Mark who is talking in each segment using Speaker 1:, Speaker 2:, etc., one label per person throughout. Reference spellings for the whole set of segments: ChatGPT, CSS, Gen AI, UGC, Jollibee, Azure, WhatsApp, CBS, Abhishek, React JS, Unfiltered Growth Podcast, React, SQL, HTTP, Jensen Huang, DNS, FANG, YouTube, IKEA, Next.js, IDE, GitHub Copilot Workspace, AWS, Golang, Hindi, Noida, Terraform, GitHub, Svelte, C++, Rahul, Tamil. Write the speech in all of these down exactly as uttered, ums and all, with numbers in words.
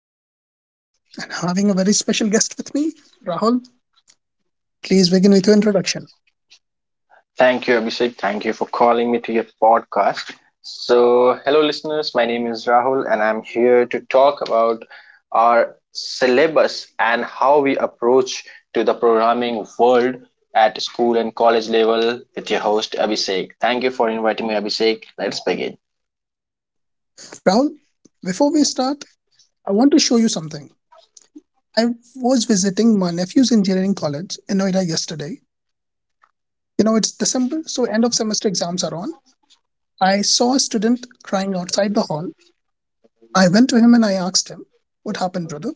Speaker 1: host, Abhishek, and having a very special guest with me, Rahul. Please begin with your introduction.
Speaker 2: Thank you, Abhishek. Thank you for calling me to your podcast. So, hello, listeners. My name is Rahul, and I'm here to talk about our syllabus and how we approach to the programming world at school and college level with your host, Abhishek. Thank you for inviting me, Abhishek. Let's begin.
Speaker 1: Rahul, before we start, I want to show you something. I was visiting my nephew's engineering college in Noida yesterday. You know, it's December, so end of semester exams are on. I saw a student crying outside the hall. I went to him and I asked him, "What happened, brother?"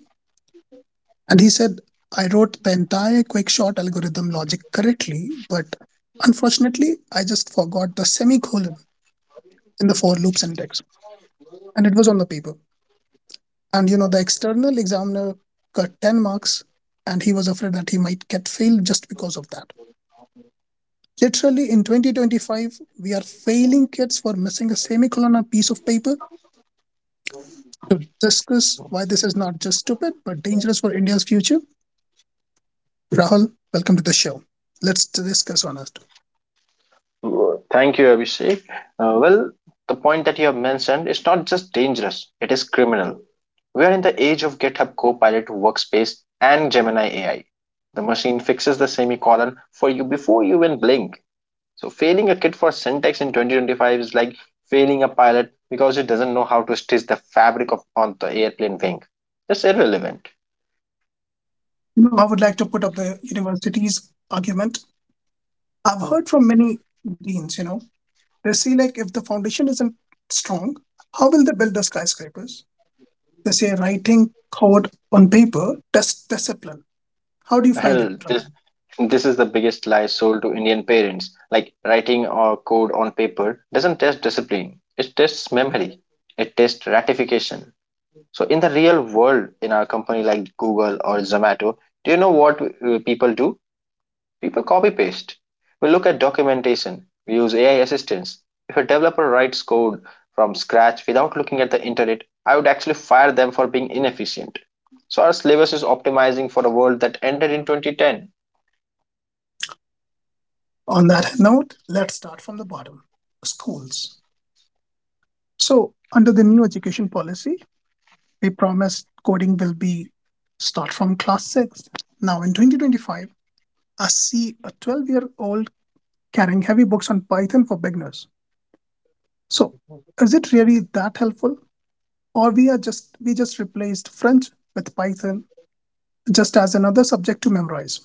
Speaker 1: And he said, I wrote the entire quick short algorithm logic correctly, but unfortunately, I just forgot the semicolon in the for loop syntax. And it was on the paper. And you know, the external examiner got ten marks, and he was afraid that he might get failed just because of that. Literally, in twenty twenty-five, we are failing kids for missing a semicolon on a piece of paper to discuss why this is not just stupid, but dangerous for India's future. Rahul, welcome to the show. Let's discuss on it.
Speaker 2: Thank you, Abhishek. Uh, well, the point that you have mentioned is not just dangerous, it is criminal. We are in the age of GitHub Copilot Workspace and Gemini A I. The machine fixes the semicolon for you before you even blink. So, failing a kid for syntax in twenty twenty-five is like failing a pilot because he doesn't know how to stitch the fabric of, on the airplane wing. It's irrelevant.
Speaker 1: You know, I would like to put up the university's argument. I've heard from many deans, you know, they say like if the foundation isn't strong, how will they build the skyscrapers? They say writing code on paper, test discipline. How do you find
Speaker 2: Hell,
Speaker 1: it?
Speaker 2: this
Speaker 1: Praveen?
Speaker 2: this is the biggest lie sold to Indian parents. Like writing or code on paper doesn't test discipline. It tests memory. It tests ratification. So in the real world, in our company like Google or Zomato, do you know what uh, people do? People copy paste. We look at documentation. We use A I assistants. If a developer writes code from scratch without looking at the internet, I would actually fire them for being inefficient. So our syllabus is optimizing for a world that ended in two thousand ten.
Speaker 1: On that note, let's start from the bottom. Schools. So under the new education policy, we promised coding will be start from class six. Now in twenty twenty-five, I see a twelve year old carrying heavy books on Python for beginners. So, is it really that helpful? Or we are just we just replaced French with Python just as another subject to memorize.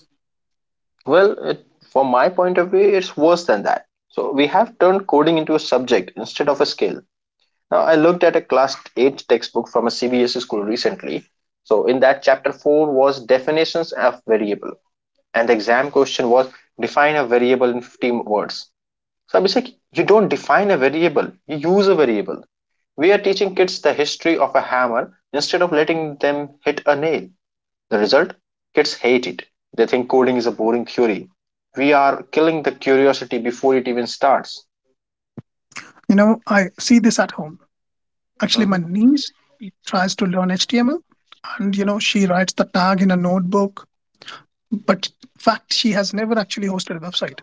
Speaker 2: Well, it, from my point of view, it's worse than that. So we have turned coding into a subject instead of a skill. Now, I looked at a class eight textbook from a C B S school recently. So in that chapter four was definitions of variable and the exam question was define a variable in fifteen words. So I was like, you don't define a variable, you use a variable. We are teaching kids the history of a hammer instead of letting them hit a nail. The result? Kids hate it. They think coding is a boring theory. We are killing the curiosity before it even starts.
Speaker 1: You know, I see this at home. Actually, my
Speaker 2: Mhm,
Speaker 1: niece tries to learn H T M L and you know she writes the tag in a notebook, but in fact she has never actually hosted a website.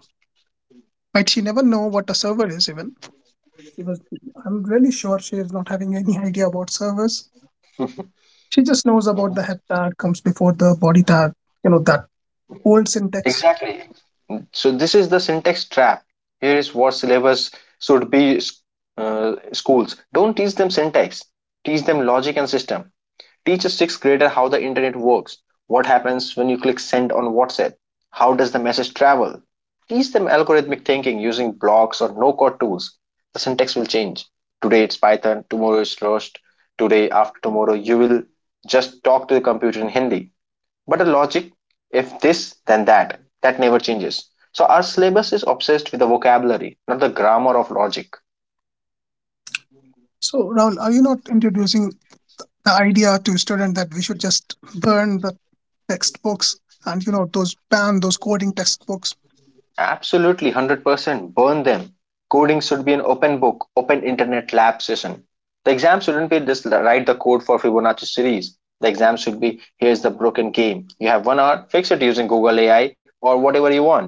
Speaker 1: Right? She never know what a server is even. She was I'm really sure she is not having any idea about servers. She just knows about the
Speaker 2: mhm.
Speaker 1: head tag comes before the body tag, you know, that old syntax.
Speaker 2: Exactly. So, this is the syntax trap. Here is what syllabus should be, uh, schools. Don't teach them syntax, teach them logic and system. Teach a sixth grader how the internet works. What happens when you click send on WhatsApp? How does the message travel? Teach them algorithmic thinking using blocks or no code tools. The syntax will change. Today it's Python, tomorrow it's Rust. Today, after tomorrow, you will just talk to the computer in Hindi. But the logic, if this, then that, that never changes. So our syllabus is obsessed with the vocabulary, not the grammar of logic.
Speaker 1: So, Rahul, are you not introducing the idea to student that we should just burn the textbooks and you know those ban those coding textbooks?
Speaker 2: Absolutely, one hundred percent. Burn them. Coding should be an open book, open internet lab session. The exam shouldn't be just write the code for Fibonacci series. The exam should be here's the broken game. You have one hour, fix it using Google A I or whatever you want.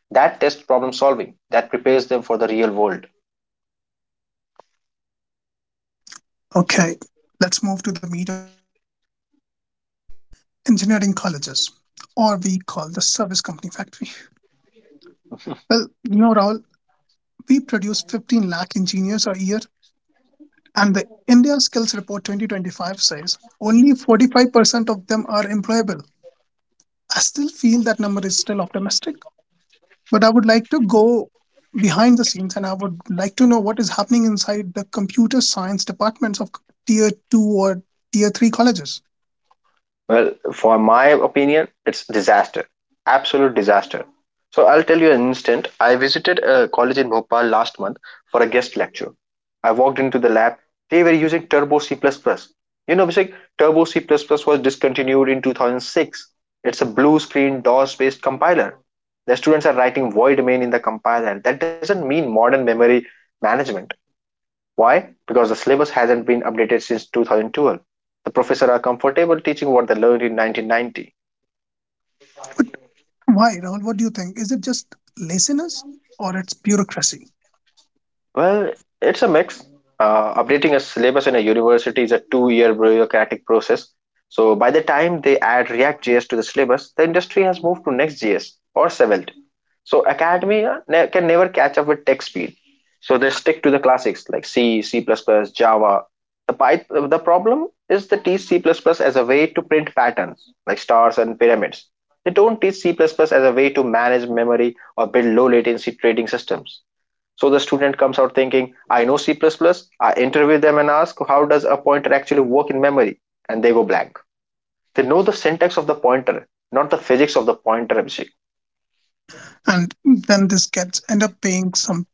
Speaker 2: That tests problem solving, that prepares them for the real world.
Speaker 1: Okay, let's move to the meat of the problem: engineering colleges, or we call the service company factory. Well, you know, Rahul, we produce fifteen lakh engineers a year, and the India Skills Report twenty twenty-five says only forty-five percent of them are employable. I still feel that number is still optimistic, but I would like to go behind the scenes and I would like to know what is happening inside the computer science departments of tier two or tier three colleges.
Speaker 2: Well, for my opinion, it's disaster, absolute disaster. So I'll tell you an instant. I visited a college in Bhopal last month for a guest lecture. I walked into the lab. They were using Turbo C++. You know, Abhishek, Turbo C++ was discontinued in two thousand six. It's a blue screen D O S-based compiler. The students are writing void main in the compiler. That doesn't mean modern memory management. Why? Because the syllabus hasn't been updated since twenty twelve. The professors are comfortable teaching what they learned in nineteen ninety.
Speaker 1: But why, Rahul? What do you think? Is it just laziness or it's bureaucracy?
Speaker 2: Well, it's a mix. Uh, updating a syllabus in a university is a two year bureaucratic process. So, by the time they add React J S to the syllabus, the industry has moved to Next.js or Svelte. So, academia ne- can never catch up with tech speed. So, they stick to the classics like C, C, Java. The, Pyth- the problem is they teach C as a way to print patterns like stars and pyramids. They don't teach C as a way to manage memory or build low latency trading systems. So the student comes out thinking, I know C++. plus. plus, I interview them and ask, how does a pointer actually work in memory? And they go blank. They know the syntax of the pointer, not the physics of the pointer, Abhishek.
Speaker 1: And then this gets end up paying some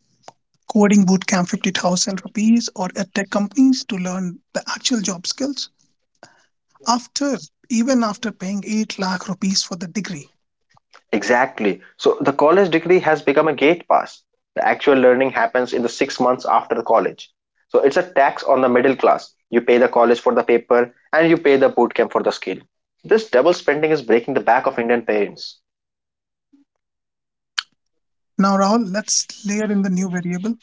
Speaker 1: coding bootcamp fifty thousand rupees or at tech companies to learn the actual job skills after even after paying eight lakh rupees for the degree.
Speaker 2: Exactly. So the college degree has become a gate pass. The actual learning happens in the six months after the college. So it's a tax on the middle class. You pay the college for the paper and you pay the bootcamp for the skill. This double spending is breaking the back of Indian parents.
Speaker 1: Now, Rahul, let's layer in the new variable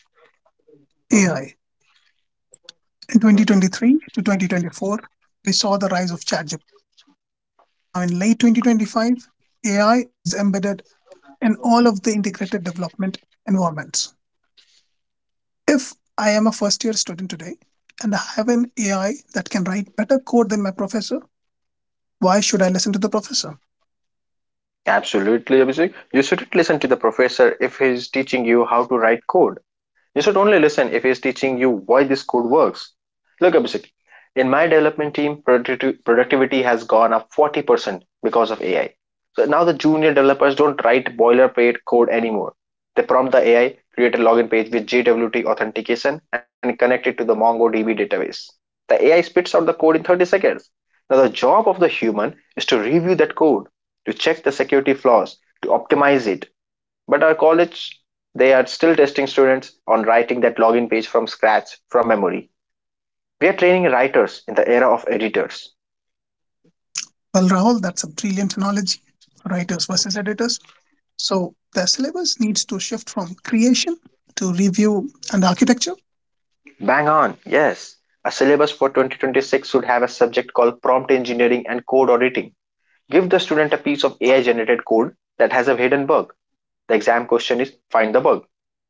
Speaker 2: Mm-hmm.
Speaker 1: A I. In twenty twenty-three to twenty twenty-four, we saw the rise of ChatGPT. Now, in late twenty twenty-five, A I is embedded in all of the integrated development environments. If I am a first year student today and I have an A I that can write better code than my professor, why should I listen to the professor?
Speaker 2: Absolutely, Abhishek. You shouldn't listen to the professor if he's teaching you how to write code. You should only listen if he's teaching you why this code works. Look, Abhishek, in my development team, producti- productivity has gone up forty percent because of A I. So now the junior developers don't write boilerplate code anymore. They prompt the A I, create a login page with J W T authentication, and connect it to the MongoDB database. The A I spits out the code in thirty seconds. Now, the job of the human is to review that code, to check the security flaws, to optimize it, but our college, they are still testing students on writing that login page from scratch, from memory. We are training writers in the era of editors.
Speaker 1: Well, Rahul, that's a brilliant analogy writers versus editors. So, the syllabus needs to shift from creation to review and architecture.
Speaker 2: Bang on, yes. A syllabus for twenty twenty-six should have a subject called prompt engineering and code auditing. Give the student a piece of A I generated code that has a hidden bug. The exam question is find the bug.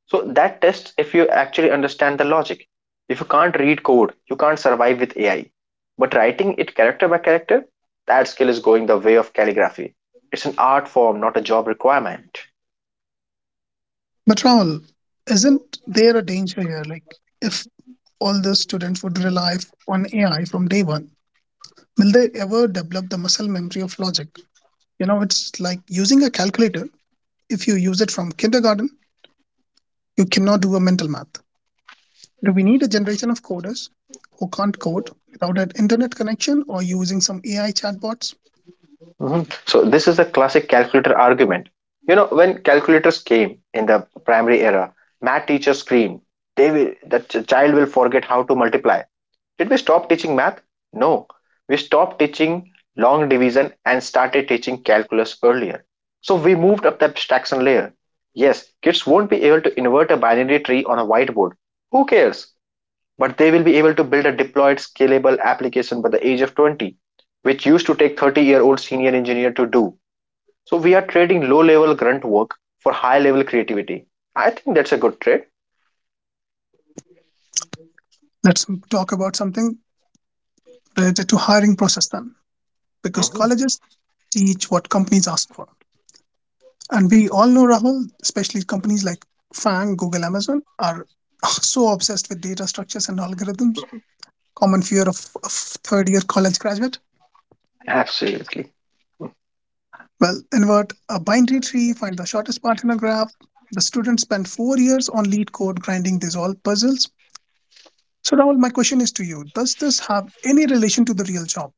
Speaker 2: So that tests if you actually understand the logic. If you can't read code, you can't survive with A I. But writing it character by character, that skill is going the way of calligraphy. It's an art form, not a job requirement.
Speaker 1: But Raul, isn't there a danger here? Like, if all the students would rely f- on A I from day one, will they ever develop the muscle memory of logic? You know, it's like using a calculator. If you use it from kindergarten, you cannot do a mental math. Do we need a generation of coders who can't code without an internet connection or using some A I chatbots?
Speaker 2: Mm-hmm. So this is the classic calculator argument. You know, when calculators came in the primary era, math teachers screamed, "They will, the child will forget how to multiply." Did we stop teaching math? No, we stopped teaching long division and started teaching calculus earlier. So we moved up the abstraction layer. Yes, kids won't be able to invert a binary tree on a whiteboard. Who cares? But they will be able to build a deployed, scalable application by the age of twenty, which used to take thirty year old senior engineer to do. So we are trading low level grunt work for high level creativity. I think that's a good trade.
Speaker 1: Let's m- talk about something related to hiring process then, because
Speaker 2: Mm-hmm.
Speaker 1: colleges teach what companies ask for. And we all know, Rahul, especially companies like FANG, Google, Amazon, are ah, so obsessed with data structures and algorithms. Common fear of, of third year college graduate.
Speaker 2: Absolutely.
Speaker 1: Well, invert a binary tree, find the shortest path in a graph. The students spend four years on lead code grinding these all puzzles. So, Rahul, my question is to you. Does this have any relation to the real job?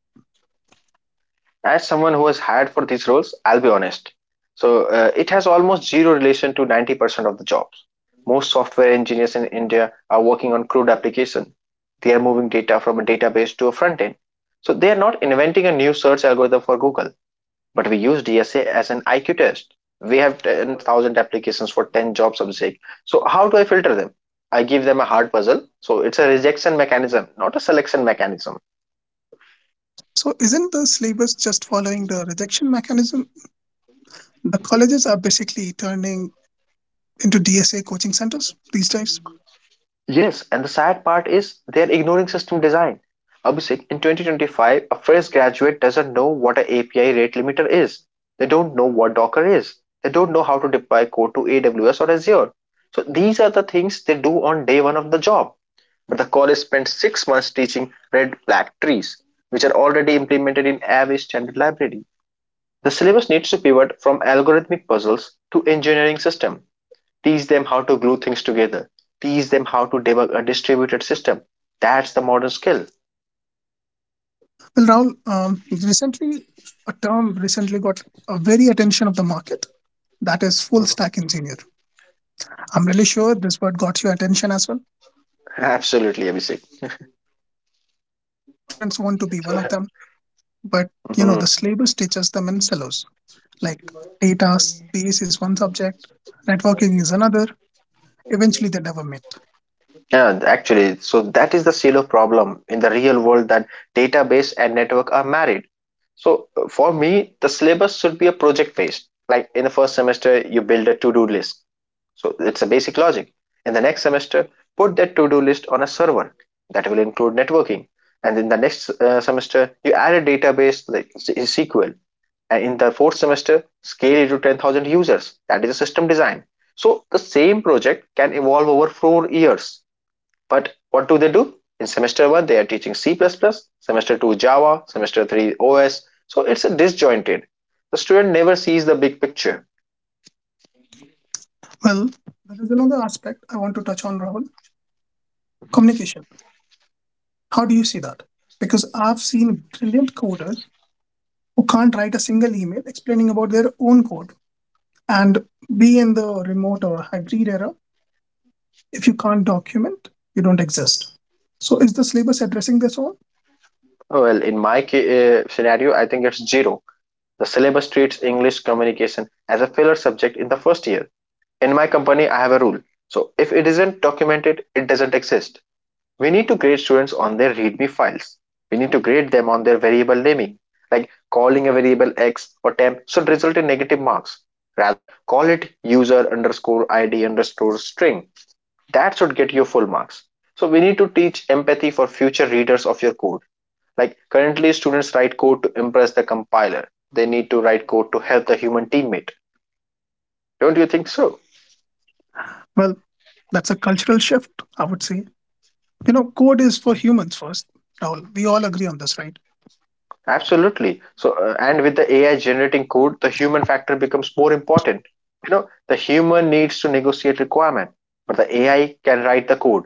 Speaker 2: As someone who was hired for these roles, I'll be honest. So uh, it has almost zero relation to ninety percent of the jobs. Most software engineers in India are working on crude application. They are moving data from a database to a front end. So they are not inventing a new search algorithm for Google, but we use D S A as an I Q test. We have ten thousand applications for ten job subject. So how do I filter them? I give them a hard puzzle. So it's a rejection mechanism, not a selection mechanism.
Speaker 1: So, isn't the syllabus just following the rejection mechanism? The colleges are basically turning into D S A coaching centers these days.
Speaker 2: Yes, and the sad part is they are ignoring system design. Abhishek, in twenty twenty-five, a fresh graduate doesn't know what an A P I rate limiter is. They don't know what Docker is. They don't know how to deploy code to A W S or Azure. So these are the things they do on day one of the job. But the college spent six months teaching red flag trees, which are already implemented in every standard library. The syllabus needs to pivot from algorithmic puzzles to engineering system. Teach them how to glue things together. Teach them how to debug a distributed system. That's the modern skill.
Speaker 1: Well, Raul, um, recently a term recently got a very attention of the market. That is full
Speaker 2: Mhm.
Speaker 1: stack engineer. I'm really sure this word got your attention as well.
Speaker 2: Absolutely, Abhishek.
Speaker 1: So yes, every students want to be one of them, but you know the
Speaker 2: Mhm.
Speaker 1: syllabus teaches them in silos. Like data space is one subject, networking is another. Eventually, they never meet.
Speaker 2: Yeah, actually, so that is the silo problem in the real world, that database and network are married. So uh, for me, the syllabus should be a project based, like in the first semester you build a to-do list, so it's a basic logic. In the next semester, put that to-do list on a server. That will include networking. And in the next uh, semester you add a database, like sql. And in the fourth semester scale it to ten thousand users. That is a system design. So the same project can evolve over four years. But what do they do? In semester one they are teaching c++ plus plus, semester two java, semester three os. So it's a disjointed, the student never sees the big picture.
Speaker 1: Well, there is another aspect I want to touch on, Rahul. Communication. How do you see that? Because I've seen brilliant coders who can't write a single email explaining about their own code, and be in the remote or hybrid era, if you can't document, you don't exist. So is the syllabus addressing this all?
Speaker 2: Well, in my uh, scenario, I think it's zero. The syllabus treats english communication as a filler subject in the first year. In my company I have a rule, so if it isn't documented it doesn't exist. We need to grade students on their readme files. We need to grade them on their variable naming, like calling a variable x or temp should result in negative marks. Rather, call it user underscore id underscore string. That should get you full marks. So we need to teach empathy for future readers of your code. Like currently students write code to impress the compiler. They need to write code to help the human teammate. Don't you think so?
Speaker 1: Well, that's a cultural shift, I would say. You know, code is for humans first. Rahul, we all agree on this, right?
Speaker 2: Absolutely. So, uh, and with the A I generating code, the human factor becomes more important. You know, the human needs to negotiate requirement, but the A I can write the code.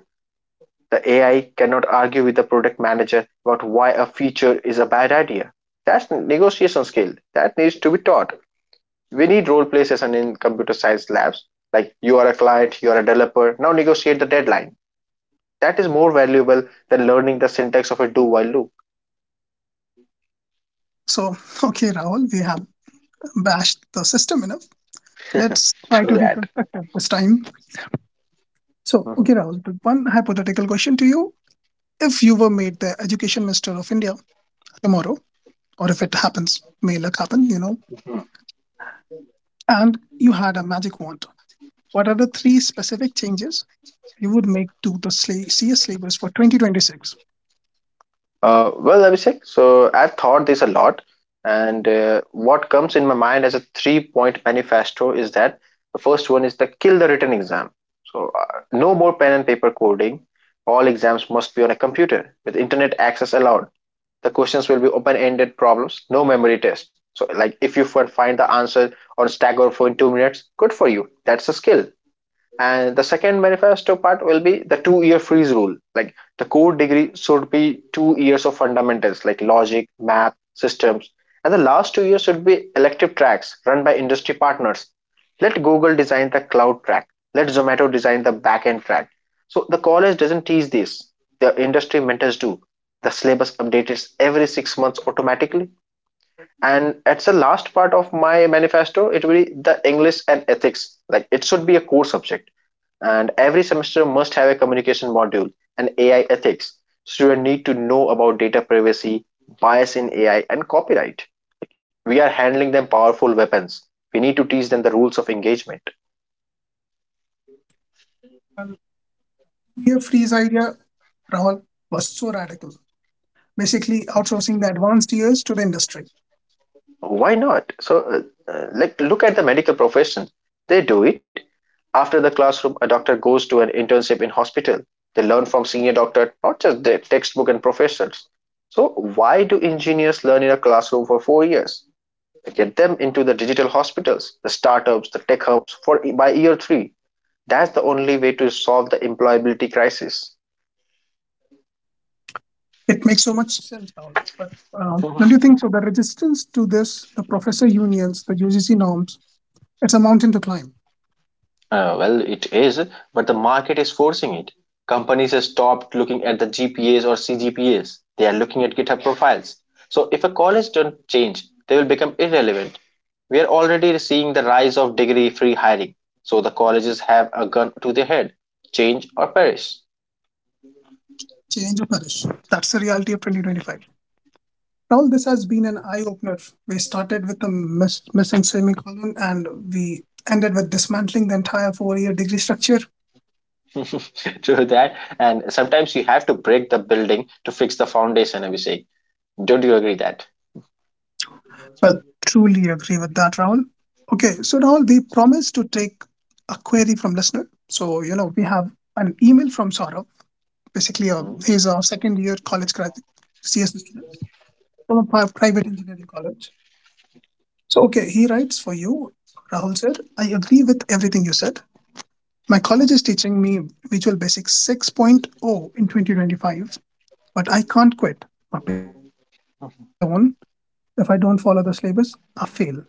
Speaker 2: The A I cannot argue with the product manager about why a feature is a bad idea. That's negotiation skill that needs to be taught. We need role play session in computer science labs. Like you are a client, you are a developer. Now negotiate the deadline. That is more valuable than learning the syntax of a do while loop.
Speaker 1: So okay, Rahul, we have bashed the system enough. Let's try to be constructive this time. So
Speaker 2: Mm-hmm.
Speaker 1: okay, Rahul, one hypothetical question to you. If you were made the education minister of India tomorrow, or if it happens, may luck happen, you know, and you had a magic wand. What are the three specific changes you would make to the sla- C S syllabus for twenty twenty-six?
Speaker 2: Uh, well, Abhishek, so I've thought this a lot, and uh, what comes in my mind as a three point manifesto is that the first one is the kill the written exam. So, uh, no more pen and paper coding. All exams must be on a computer with internet access allowed. The questions will be open ended problems, no memory test. So, like if you find the answer on Stack Overflow in two minutes, good for you. That's a skill. And the second manifesto part will be the two year freeze rule. Like the core degree should be two years of fundamentals like logic, math, systems. And the last two years should be elective tracks run by industry partners. Let Google design the cloud track. Let Zomato design the backend track. So the college doesn't teach this. The industry mentors do. The syllabus updates every six months automatically. And at the last part of my manifesto, it will be the English and ethics. Like it should be a core subject, and every semester must have a communication module and A I ethics. Students need to know about data privacy, bias in A I, and copyright. We are handling them powerful weapons. We need to teach them the rules of engagement.
Speaker 1: Here, Free's idea, Rahul, was so radical. Basically, outsourcing the advanced years to the industry.
Speaker 2: Why not? So, uh, uh, like, look at the medical profession. They do it. After the classroom, a doctor goes to an internship in hospital. They learn from senior doctor, not just the textbook and professors. So, why do engineers learn in a classroom for four years? Get them into the digital hospitals, the startups, the tech hubs for by year three. That's the only way to solve the employability crisis.
Speaker 1: It makes so much sense, Rahul. But um,
Speaker 2: uh,
Speaker 1: Don't you think so? The resistance to this, the professor unions, the U G C norms, it's a mountain to climb.
Speaker 2: well, it is, but the market is forcing it. Companies have stopped looking at the G P As or C G P As. They are looking at GitHub profiles. So if a college don't change, they will become irrelevant. We are already seeing the rise of degree-free hiring. So the colleges have a gun to their head: change or perish.
Speaker 1: Change or perish. That's the reality of twenty twenty-five. All this has been an eye opener. We started with a miss, missing semicolon and we ended with dismantling the entire four year degree structure.
Speaker 2: To that. And sometimes you have to break the building to fix the foundation, Abhishek. Don't you agree that?
Speaker 1: Well, truly agree with that, Rahul. Okay, so Rahul, we promised to take a query from listener. So, you know, we have an email from Saurav. Basically, a,
Speaker 2: Mm.
Speaker 1: he's a second year college grad C S student from a pri- private engineering college. So, okay, he writes for you, Rahul sir. I agree with everything you said. My college
Speaker 2: Uh,
Speaker 1: is teaching me Visual Basic 6.0 in twenty twenty-five, but I can't quit. My parents paid four lakh loan. If I don't follow the syllabus, I fail.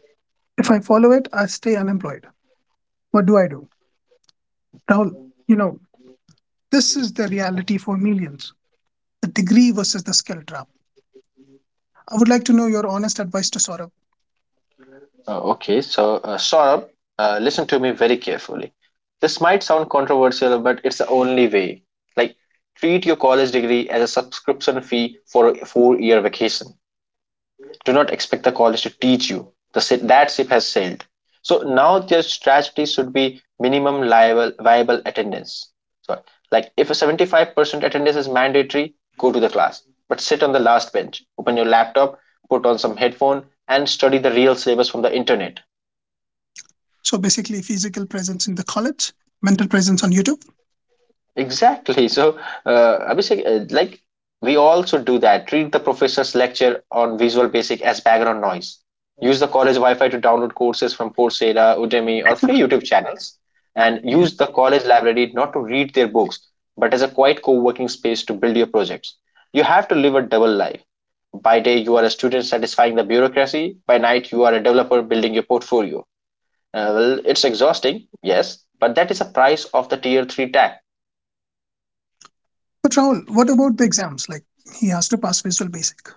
Speaker 1: If I follow it, I stay unemployed. What do I do? Rahul, you know, this is the reality for millions, the degree versus the skill trap. I would like to know your honest advice to Saurabh.
Speaker 2: okay, so uh, Saurabh, uh, listen to me very carefully. This might sound controversial, but it's the only way. Like, treat your college degree as a subscription fee for a four year vacation. Do not expect the college to teach you. The si- that ship has sailed. So now their strategy should be minimum liable, viable attendance. So like if a seventy-five percent attendance is mandatory, go to the class, but sit on the last bench, open your laptop, put on some headphone, and study the real syllabus from the internet.
Speaker 1: So basically, physical presence in the college, mental presence on YouTube.
Speaker 2: Exactly. So, uh, Abhishek, uh, like we also do that. Treat the professor's lecture on Visual Basic as background noise. Use the college Wi-Fi to download courses from Coursera, Udemy, or free YouTube channels. And
Speaker 1: Yeah.
Speaker 2: use the college library not to read their books, but as a quiet co-working space to build your projects. You have to live a double life. By day, you are a student satisfying the bureaucracy. By night, you are a developer building your portfolio. Uh, well, it's exhausting, yes, but that is the price of the tier three tag.
Speaker 1: But Rahul, what about the exams? Like, he has to pass Visual Basic.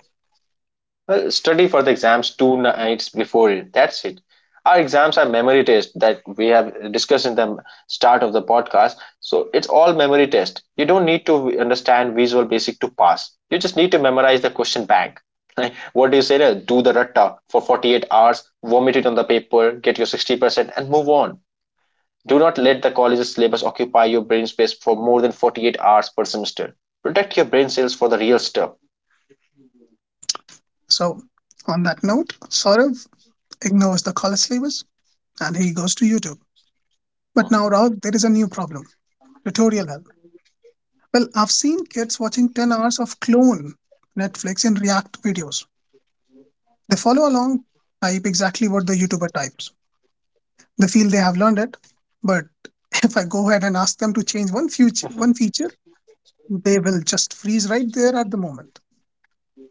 Speaker 2: Well, study for the exams two nights before it. That's it. Our exams are memory test that we have discussed in the start of the podcast. So it's all memory test. You don't need to understand Visual Basic to pass. You just need to memorize the question bank. Like what do you say? uh, Do the ratta for forty-eight hours, vomit it on the paper, get your sixty percent, and move on. Do not let the college's syllabus occupy your brain space for more than forty-eight hours per semester. Protect your brain cells for the real stuff.
Speaker 1: So, on that note, Saurav ignores the color slavers and he goes to YouTube. But now, Rag, there is a new problem, tutorial help. Well, I've seen kids watching ten hours of clone Netflix and React videos. They follow along, type exactly what the YouTuber types. They feel they have learned it, but if I go ahead and ask them to change one future, one feature, they will just freeze right there at the moment.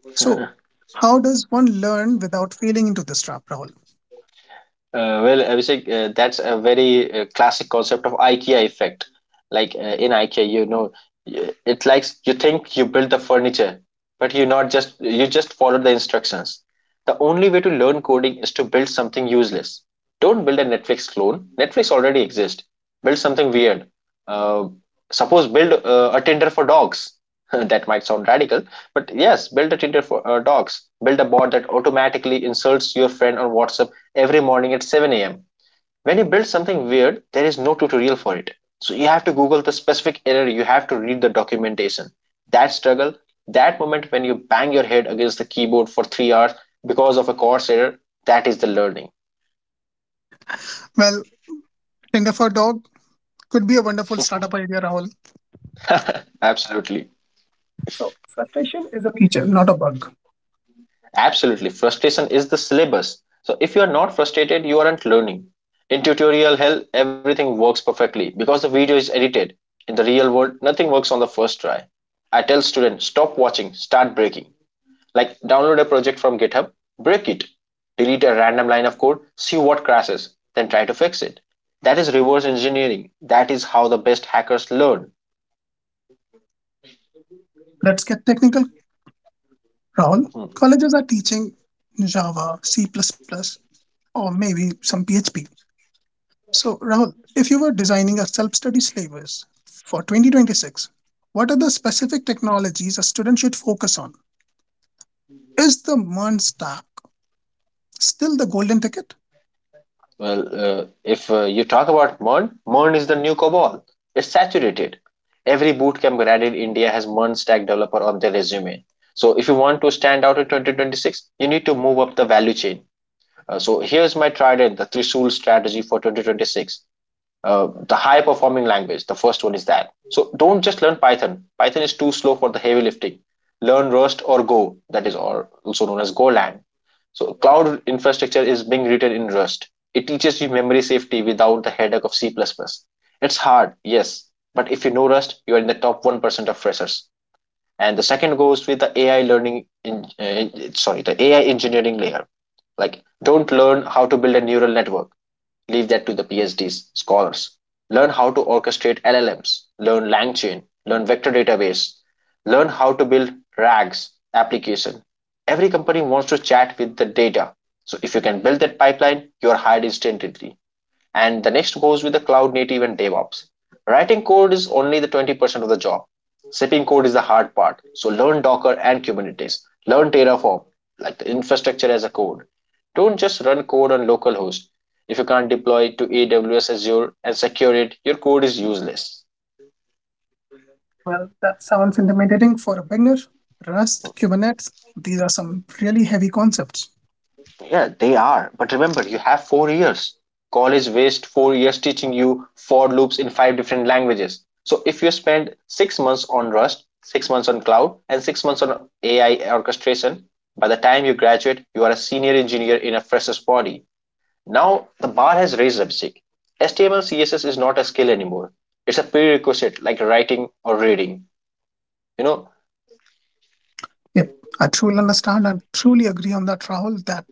Speaker 1: So, how does one learn without failing into this trap, Rahul?
Speaker 2: Uh, well, Abhishek, uh, that's a very uh, classic concept of IKEA effect. Like uh, in IKEA, you know, y- it's like you think you build the furniture, but you not just you just follow the instructions. The only way to learn coding is to build something useless. Don't build a Netflix clone. Netflix already exists. Build something weird. Uh, Suppose build uh, a Tinder for dogs. That might sound radical, but yes, build a Tinder for uh, dogs. Build a bot that automatically insults your friend on WhatsApp every morning at seven a m. When you build something weird, there is no tutorial for it. So you have to Google the specific error, you have to read the documentation. That struggle, that moment when you bang your head against the keyboard for three hours because of a course error, that is the learning.
Speaker 1: Well, Tinder for Dog could be a wonderful startup idea, Rahul.
Speaker 2: Absolutely.
Speaker 1: So, frustration is a feature, not a bug.
Speaker 2: Absolutely. Frustration is the syllabus. So if you are not frustrated, you aren't learning. In tutorial hell, everything works perfectly because the video is edited. In the real world, nothing works on the first try. I tell students stop watching, start breaking. Like download a project from GitHub, break it, delete a random line of code, see what crashes, then try to fix it. That is reverse engineering. That is how the best hackers learn.
Speaker 1: Let's get technical, Rahul.
Speaker 2: Mhm.
Speaker 1: Colleges are teaching Java, C, plus, plus, or maybe some P H P. So, Rahul, if you were designing a self study syllabus for twenty twenty-six, what are the specific technologies a student should focus on? Is the MERN stack still the golden ticket?
Speaker 2: Well, uh, if uh, you talk about Mern, Mern is the new COBOL. It's saturated. Every bootcamp grad in India has Mern stack developer on their resume. So if you want to stand out in twenty twenty-six, you need to move up the value chain. Uh, so here's my trident, the Trisul strategy for twenty twenty-six. Uh, the high performing language, the first one is that. So don't just learn Python. Python is too slow for the heavy lifting. Learn Rust or Go, that is also known as Golang. So cloud infrastructure is being written in Rust. It teaches you memory safety without the headache of C++. Plus plus. It's hard, yes, but if you know Rust, you are in the top one percent of freshers. And the second goes with the A I learning, in, uh, sorry, the A I engineering layer. Like, don't learn how to build a neural network, leave that to the PhDs, scholars. Learn how to orchestrate L L Ms, learn LangChain, learn vector database, learn how to build R A Gs application. Every company wants to chat with the data. So if you can build that pipeline, you are hired instantly. And the next goes with the cloud native and DevOps. Writing code is only the twenty percent of the job. Shipping code is the hard part. So learn Docker and Kubernetes. Learn Terraform, like the infrastructure as a code. Don't just run code on localhost. If you can't deploy it to A W S Azure and secure it, your code is useless.
Speaker 1: Well, that sounds intimidating for a beginner. Rust, Kubernetes, these are some really heavy concepts.
Speaker 2: Yeah, they are. But remember, you have four years. College waste four years teaching you for loops in five different languages. So if you spend six months on Rust, six months on cloud, and six months on A I orchestration, by the time you graduate, you are a senior engineer in a fresher's body. Now the bar has raised up sick. H T M L C S S is not a skill anymore. It's a prerequisite like writing or reading. You know,
Speaker 1: Yep, I truly understand and truly agree on that, Rahul, that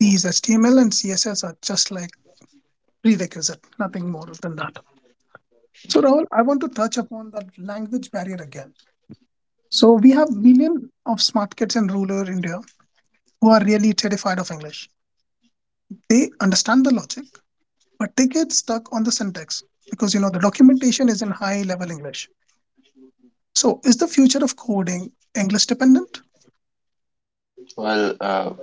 Speaker 1: these H T M L and C S S are just like prerequisite, nothing more than that. So, Rahul, I want to touch upon that language barrier again. So, we have millions of smart kids in rural India who are really terrified of English. They understand the logic, but they get stuck on the syntax because you know the documentation is in high level English. So, is the future of coding English dependent?
Speaker 2: well, uh,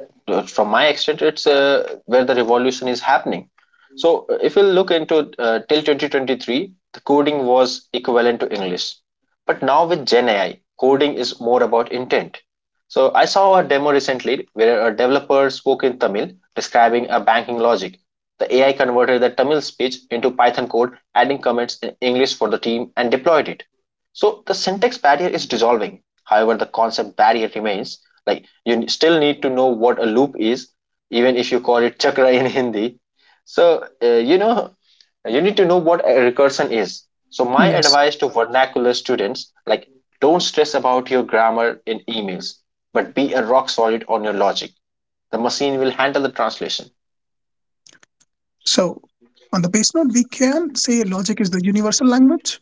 Speaker 2: from my extent, it's uh, where the revolution is happening. So, uh, if you look into uh, till twenty twenty-three, the coding was equivalent to English. But now with Gen A I, coding is more about intent. So, I saw a demo recently where a developer spoke in Tamil describing a banking logic. The A I converted the Tamil speech into Python code, adding comments in English for the team, and deployed it. So the syntax barrier is dissolving. However, the concept barrier remains. Like you still need to know what a loop is, even if you call it chakra in Hindi. So uh, you know you need to know what a recursion is. So my
Speaker 1: Yes.
Speaker 2: advice to vernacular students, like don't stress about your grammar in emails, but be a rock solid on your logic. The machine will handle the translation.
Speaker 1: So, on the base note, we can say logic is the universal language.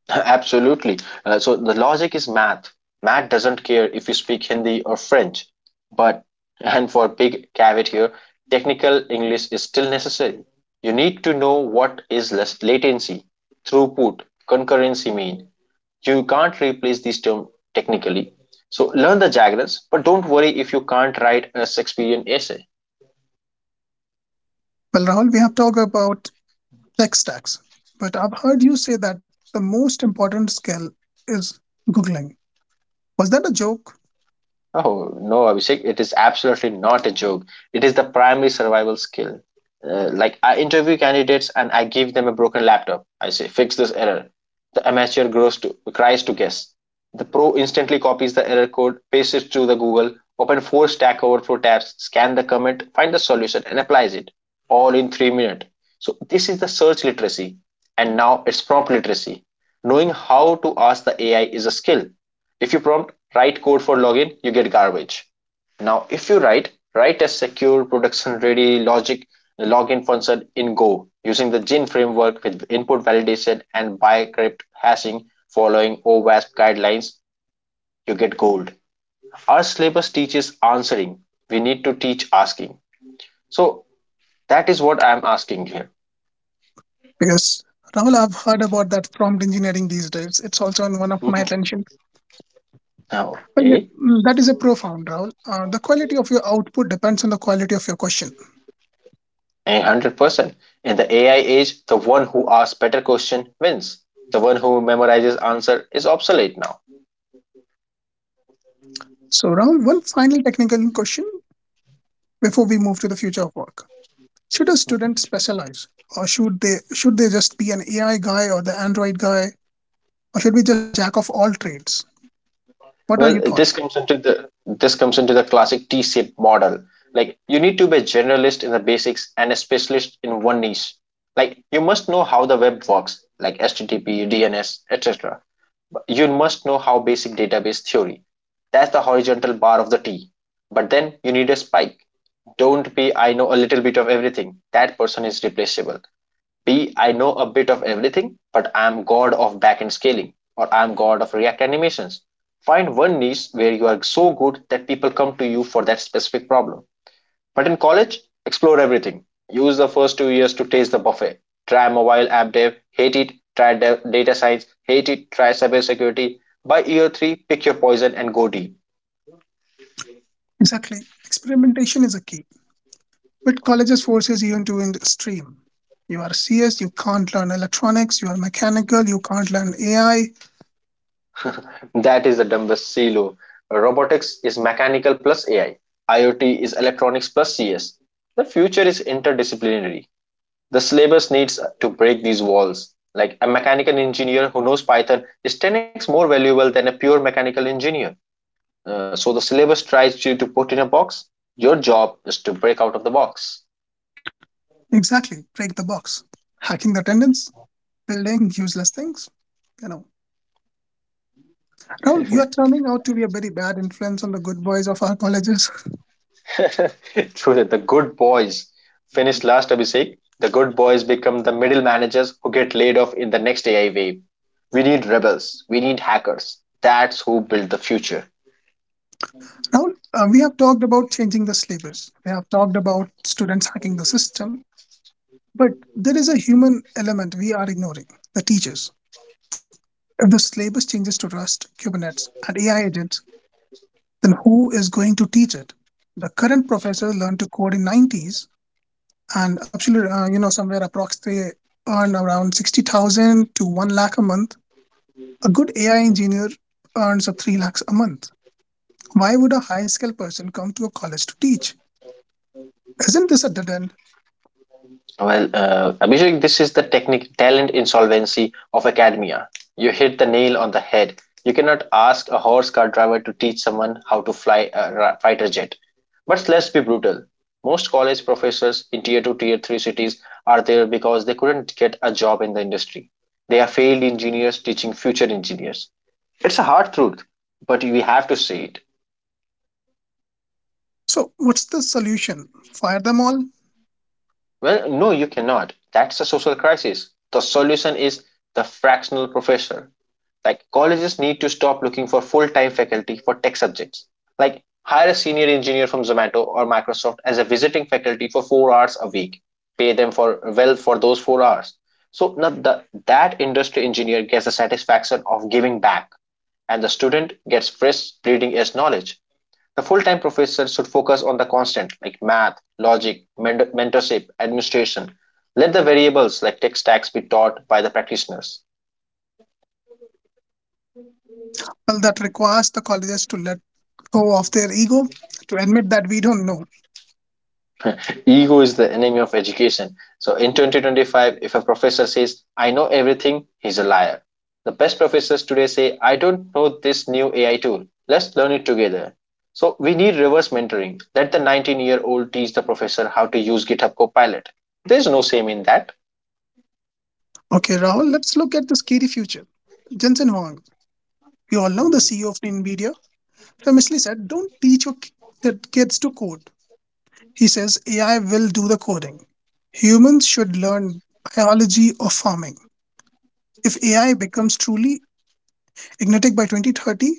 Speaker 2: Absolutely. Uh, so the logic is math. Math doesn't care if you speak Hindi or French. But, and for big caveat here, technical English is still necessary. You need to know what is las- latency, throughput, concurrency mean. You can't replace these terms technically. So learn the jargons, but don't worry if you can't write a Shakespearean essay.
Speaker 1: Well, Rahul, we have talked about tech stacks, but I've heard you say that the most important skill is Googling. Was that a joke?
Speaker 2: Oh, no, Abhishek, it is absolutely not a joke. It is the primary survival skill. Uh, like, I interview candidates and I give them a broken laptop. I say, fix this error. The amateur grows to, cries to guess. The pro instantly copies the error code, pastes it to the Google, open four Stack Overflow tabs, scan the comment, find the solution, and applies it all in three minutes. So this is the search literacy. And now it's prompt literacy. Knowing how to ask the A I is a skill. If you prompt write code for login, you get garbage. Now, if you write write a secure production ready logic login function in Go using the Gin framework with input validation and bycrypt hashing following OWASP guidelines, you get gold. Our syllabus teaches answering. We need to teach asking. So that is what I am asking here.
Speaker 1: Because Rahul, I've heard about that prompt engineering these days. It's also in one of my
Speaker 2: Mm-hmm.
Speaker 1: attention.
Speaker 2: Now,
Speaker 1: Well, it-
Speaker 2: okay.
Speaker 1: that is a profound, Rahul. Uh, the quality of your output depends on the quality of your question.
Speaker 2: One hundred percent. In the A I age, the one who asks better question wins. The one who memorizes answer is obsolete now.
Speaker 1: So, Rahul, one final technical question before we move to the future of work. Should a student specialize, or should they should they just be an A I guy or the Android guy, or should we just jack of all trades? What are your
Speaker 2: Well,
Speaker 1: thoughts?
Speaker 2: this comes into the this comes into the classic T-shaped model. Like you need to be a generalist in the basics and a specialist in one niche. Like you must know how the web works, like H T T P, D N S, et cetera You must know how basic database theory. That's the horizontal bar of the T. But then you need a spike. Don't be I know a little bit of everything. That person is replaceable. Be I know a bit of everything, but I am god of backend scaling or I am god of React animations. Find one niche where you are so good that people come to you for that specific problem. But in college, explore everything. Use the first two years to taste the buffet. Try mobile app dev, hate it, try data science, hate it, try cybersecurity. By year three, pick your poison and go deep.
Speaker 1: Exactly. Experimentation is a key. But colleges forces you into in stream. You are C S, you can't learn electronics, you are mechanical, you can't learn A I.
Speaker 2: That is the dumbest silo. Robotics is mechanical plus A I. IoT is electronics plus C S. The future is interdisciplinary. The syllabus needs to break these walls. Like a mechanical engineer who knows Python is ten x more valuable than a pure mechanical engineer. Uh, so the syllabus tries you to put in a box. Your job is to break out of the box.
Speaker 1: Exactly. Break the box. Hacking the attendance, building useless things. You know. Rahul, you are turning out to be a very bad influence on the good boys of our colleges.
Speaker 2: True that the good boys finished last, Abhishek. The good boys become the middle managers who get laid off in the next A I wave. We need rebels. We need hackers. That's who build the future.
Speaker 1: Rahul, uh, we have talked about changing the syllabus. We have talked about students hacking the system. But there is a human element we are ignoring, the teachers. If the syllabus changes to Rust, Kubernetes, and A I agents, then who is going to teach it? The current professors learned to code in nineties, and absolutely, uh, you know, somewhere approximately they earn around sixty thousand to one lakh a month. A good A I engineer earns up three lakhs a month. Why would a high skilled person come to a college to teach? Isn't this a dead end?
Speaker 2: Well, uh, Abhishek, this is the technique talent insolvency of academia. You hit the nail on the head. You cannot ask a horse car driver to teach someone how to fly a ra- fighter jet. But let's be brutal. Most college professors in tier two, tier three cities are there because they couldn't get a job in the industry. They are failed engineers teaching future engineers. It's a hard truth, but we have to say it.
Speaker 1: So, what's the solution? Fire them all?
Speaker 2: Well, no, you cannot. That's a social crisis. The solution is the fractional professor. Like colleges need to stop looking for full-time faculty for tech subjects. Like hire a senior engineer from Zomato or Microsoft as a visiting faculty for four hours a week. Pay them for well for those four hours. So now the, that industry engineer gets the satisfaction of giving back and the student gets fresh bleeding edge knowledge. The full-time professor should focus on the constant like math, logic, mentorship, administration. Let the variables like tech stacks be taught by the practitioners.
Speaker 1: Well, that requires the colleges to let go of their ego, to admit that we don't know.
Speaker 2: Ego is the enemy of education. So in twenty twenty-five, if a professor says, I know everything, he's a liar. The best professors today say, I don't know this new A I tool. Let's learn it together. So we need reverse mentoring. Let the nineteen year old teach the professor how to use GitHub Copilot. There's no shame in that.
Speaker 1: Okay, Rahul, let's look at the scary future. Jensen Huang, we all know the C E O of NVIDIA, famously said, "Don't teach your ki- the kids to code." He says A I will do the coding. Humans should learn biology or farming. If A I becomes truly ignitic by twenty thirty,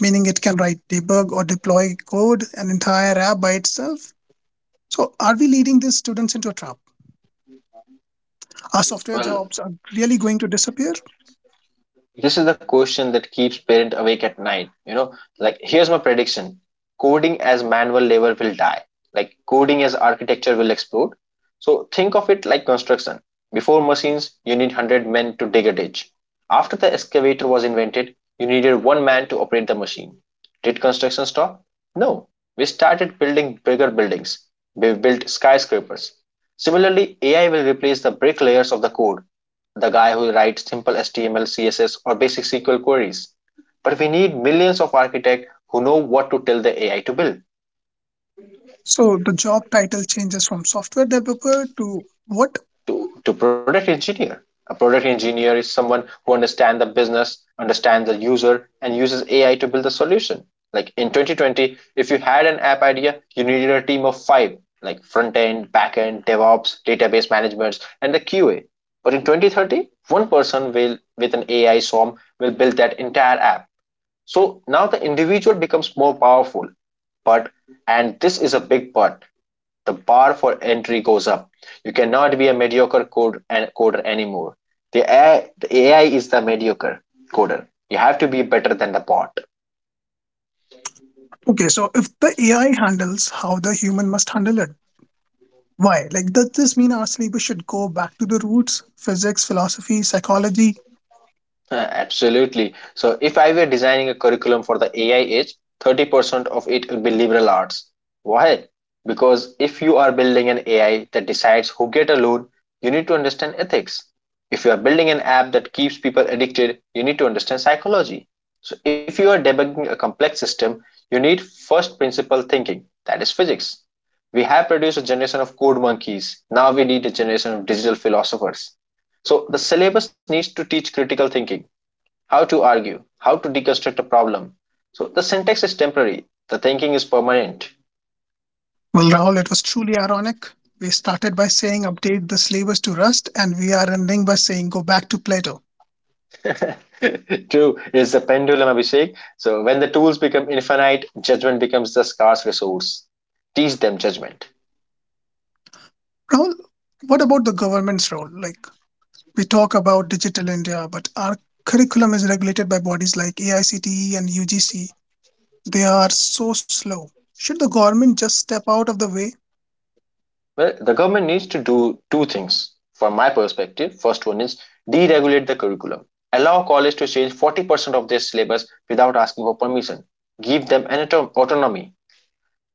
Speaker 1: meaning it can write, debug, or deploy code, an entire app by itself, so are we leading these students into a trap? Are software
Speaker 2: Well,
Speaker 1: jobs are really going to disappear?
Speaker 2: this is the question that keeps parents awake at night. You know, like here's my prediction: coding as manual labor will die. Like coding as architecture will explode. So think of it like construction. Before machines, you need one hundred men to dig a ditch. After the excavator was invented, you needed one man to operate the machine. Did construction stop? No. We started building bigger buildings. We built skyscrapers. Similarly, A I will replace the bricklayers of the code, the guy who writes simple H T M L, C S S, or basic sequel queries. But we need millions of architects who know what to tell the A I to build.
Speaker 1: So the job title changes from software developer to what?
Speaker 2: To, to product engineer, a product engineer is someone who understands the business, understands the user, and uses A I to build the solution. Like in twenty twenty, if you had an app idea, you needed a team of five, like front end, back end, DevOps, database management, and the Q A. But in twenty thirty, one person will, with an A I swarm will build that entire app. So now the individual becomes more powerful. But, and this is a big but, the bar for entry goes up. You cannot be a mediocre code and coder anymore. The A I, the A I is the mediocre coder. You have to be better than the bot.
Speaker 1: Okay, so if the A I handles, how the human must handle it, why? Like, does this mean our syllabus should go back to the roots? Physics, philosophy, psychology?
Speaker 2: Uh, Absolutely. So if I were designing a curriculum for the A I age, thirty percent of it would be liberal arts. Why? Because if you are building an A I that decides who get a loan, you need to understand ethics. If you are building an app that keeps people addicted, you need to understand psychology. So if you are debugging a complex system, you need first principle thinking, that is physics. We have produced a generation of code monkeys. Now we need a generation of digital philosophers. So the syllabus needs to teach critical thinking, how to argue, how to deconstruct a problem. So the syntax is temporary, the thinking is permanent.
Speaker 1: Well, Rahul, it was truly ironic. We started by saying update the syllabus to Rust, and we are ending by saying go back to Plato.
Speaker 2: Two is the pendulum, Abhishek. So when the tools become infinite, judgment becomes the scarce resource. Teach them judgment.
Speaker 1: Rahul, what about the government's role? Like, we talk about digital India, but our curriculum is regulated by bodies like A I C T E and U G C. They are so slow. Should the government just step out of the way?
Speaker 2: Well, the government needs to do two things from my perspective. First one is deregulate the curriculum. Allow college to change forty percent of their syllabus without asking for permission. Give them an autonomy.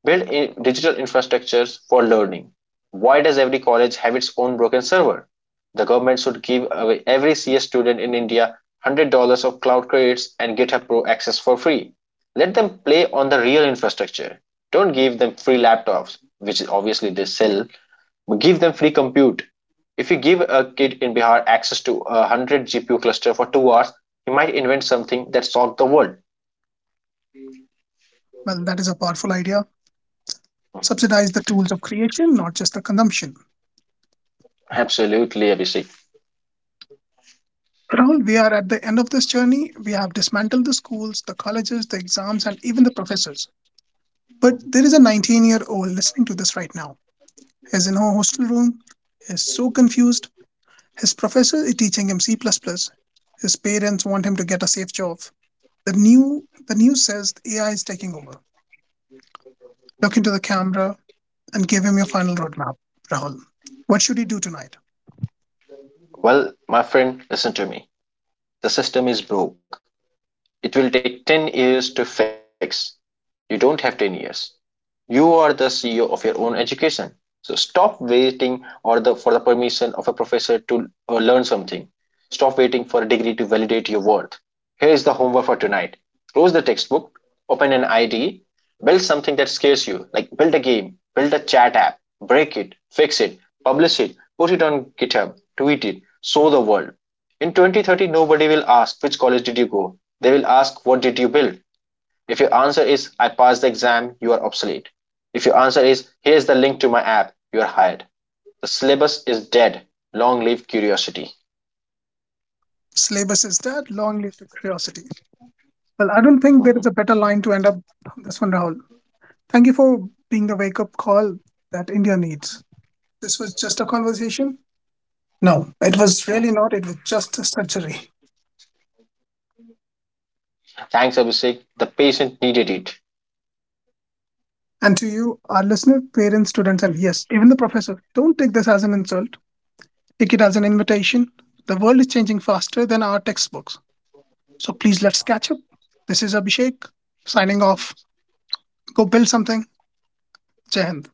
Speaker 2: Build in digital infrastructures for learning. Why does every college have its own broken server? The government should give away every C S student in India one hundred dollars of cloud credits and GitHub Pro access for free. Let them play on the real infrastructure. Don't give them free laptops, which obviously they sell, but give them free compute. If you give a kid in Bihar access to a hundred G P U cluster for two hours, he might invent something that solved the world.
Speaker 1: Well, that is a powerful idea. Subsidize the tools of creation, not just the consumption.
Speaker 2: Absolutely, Abhishek.
Speaker 1: Rahul, we are at the end of this journey. We have dismantled the schools, the colleges, the exams, and even the professors. But there is a nineteen year old listening to this right now. He's in a hostel room. He's so confused. His professor is teaching him C. plus plus. His parents want him to get a safe job. The new the news says A I is taking over. Look into the camera, and give him your final roadmap, Rahul. What should he do tonight?
Speaker 2: Well, my friend, listen to me. The system is broke. It will take ten years to fix. You don't have ten years. You are the C E O of your own education. So stop waiting or the, for the permission of a professor to uh, learn something. Stop waiting for a degree to validate your worth. Here is the homework for tonight. Close the textbook, open an I D E, build something that scares you, like build a game, build a chat app, break it, fix it, publish it, put it on GitHub, tweet it, show the world. In twenty thirty, nobody will ask which college did you go. They will ask what did you build. If your answer is I passed the exam, you are obsolete. If your answer is here's the link to my app, you are hired. The syllabus is dead. Long live curiosity.
Speaker 1: Syllabus is dead, long live to curiosity. Well, I don't think there
Speaker 2: Mm-hmm.
Speaker 1: is a better line to end up this one, Rahul. Thank you for being the wake up call that India needs. This was just a conversation? No, it was really not. It was just a surgery.
Speaker 2: Thanks, Abhishek. The patient needed it.
Speaker 1: And to you, our listener, parents, students, and yes, even the professor, don't take this as an insult. Take it as an invitation. The world is changing faster than our textbooks. So please let's catch up. This is Abhishek signing off. Go build something. Jai Hind.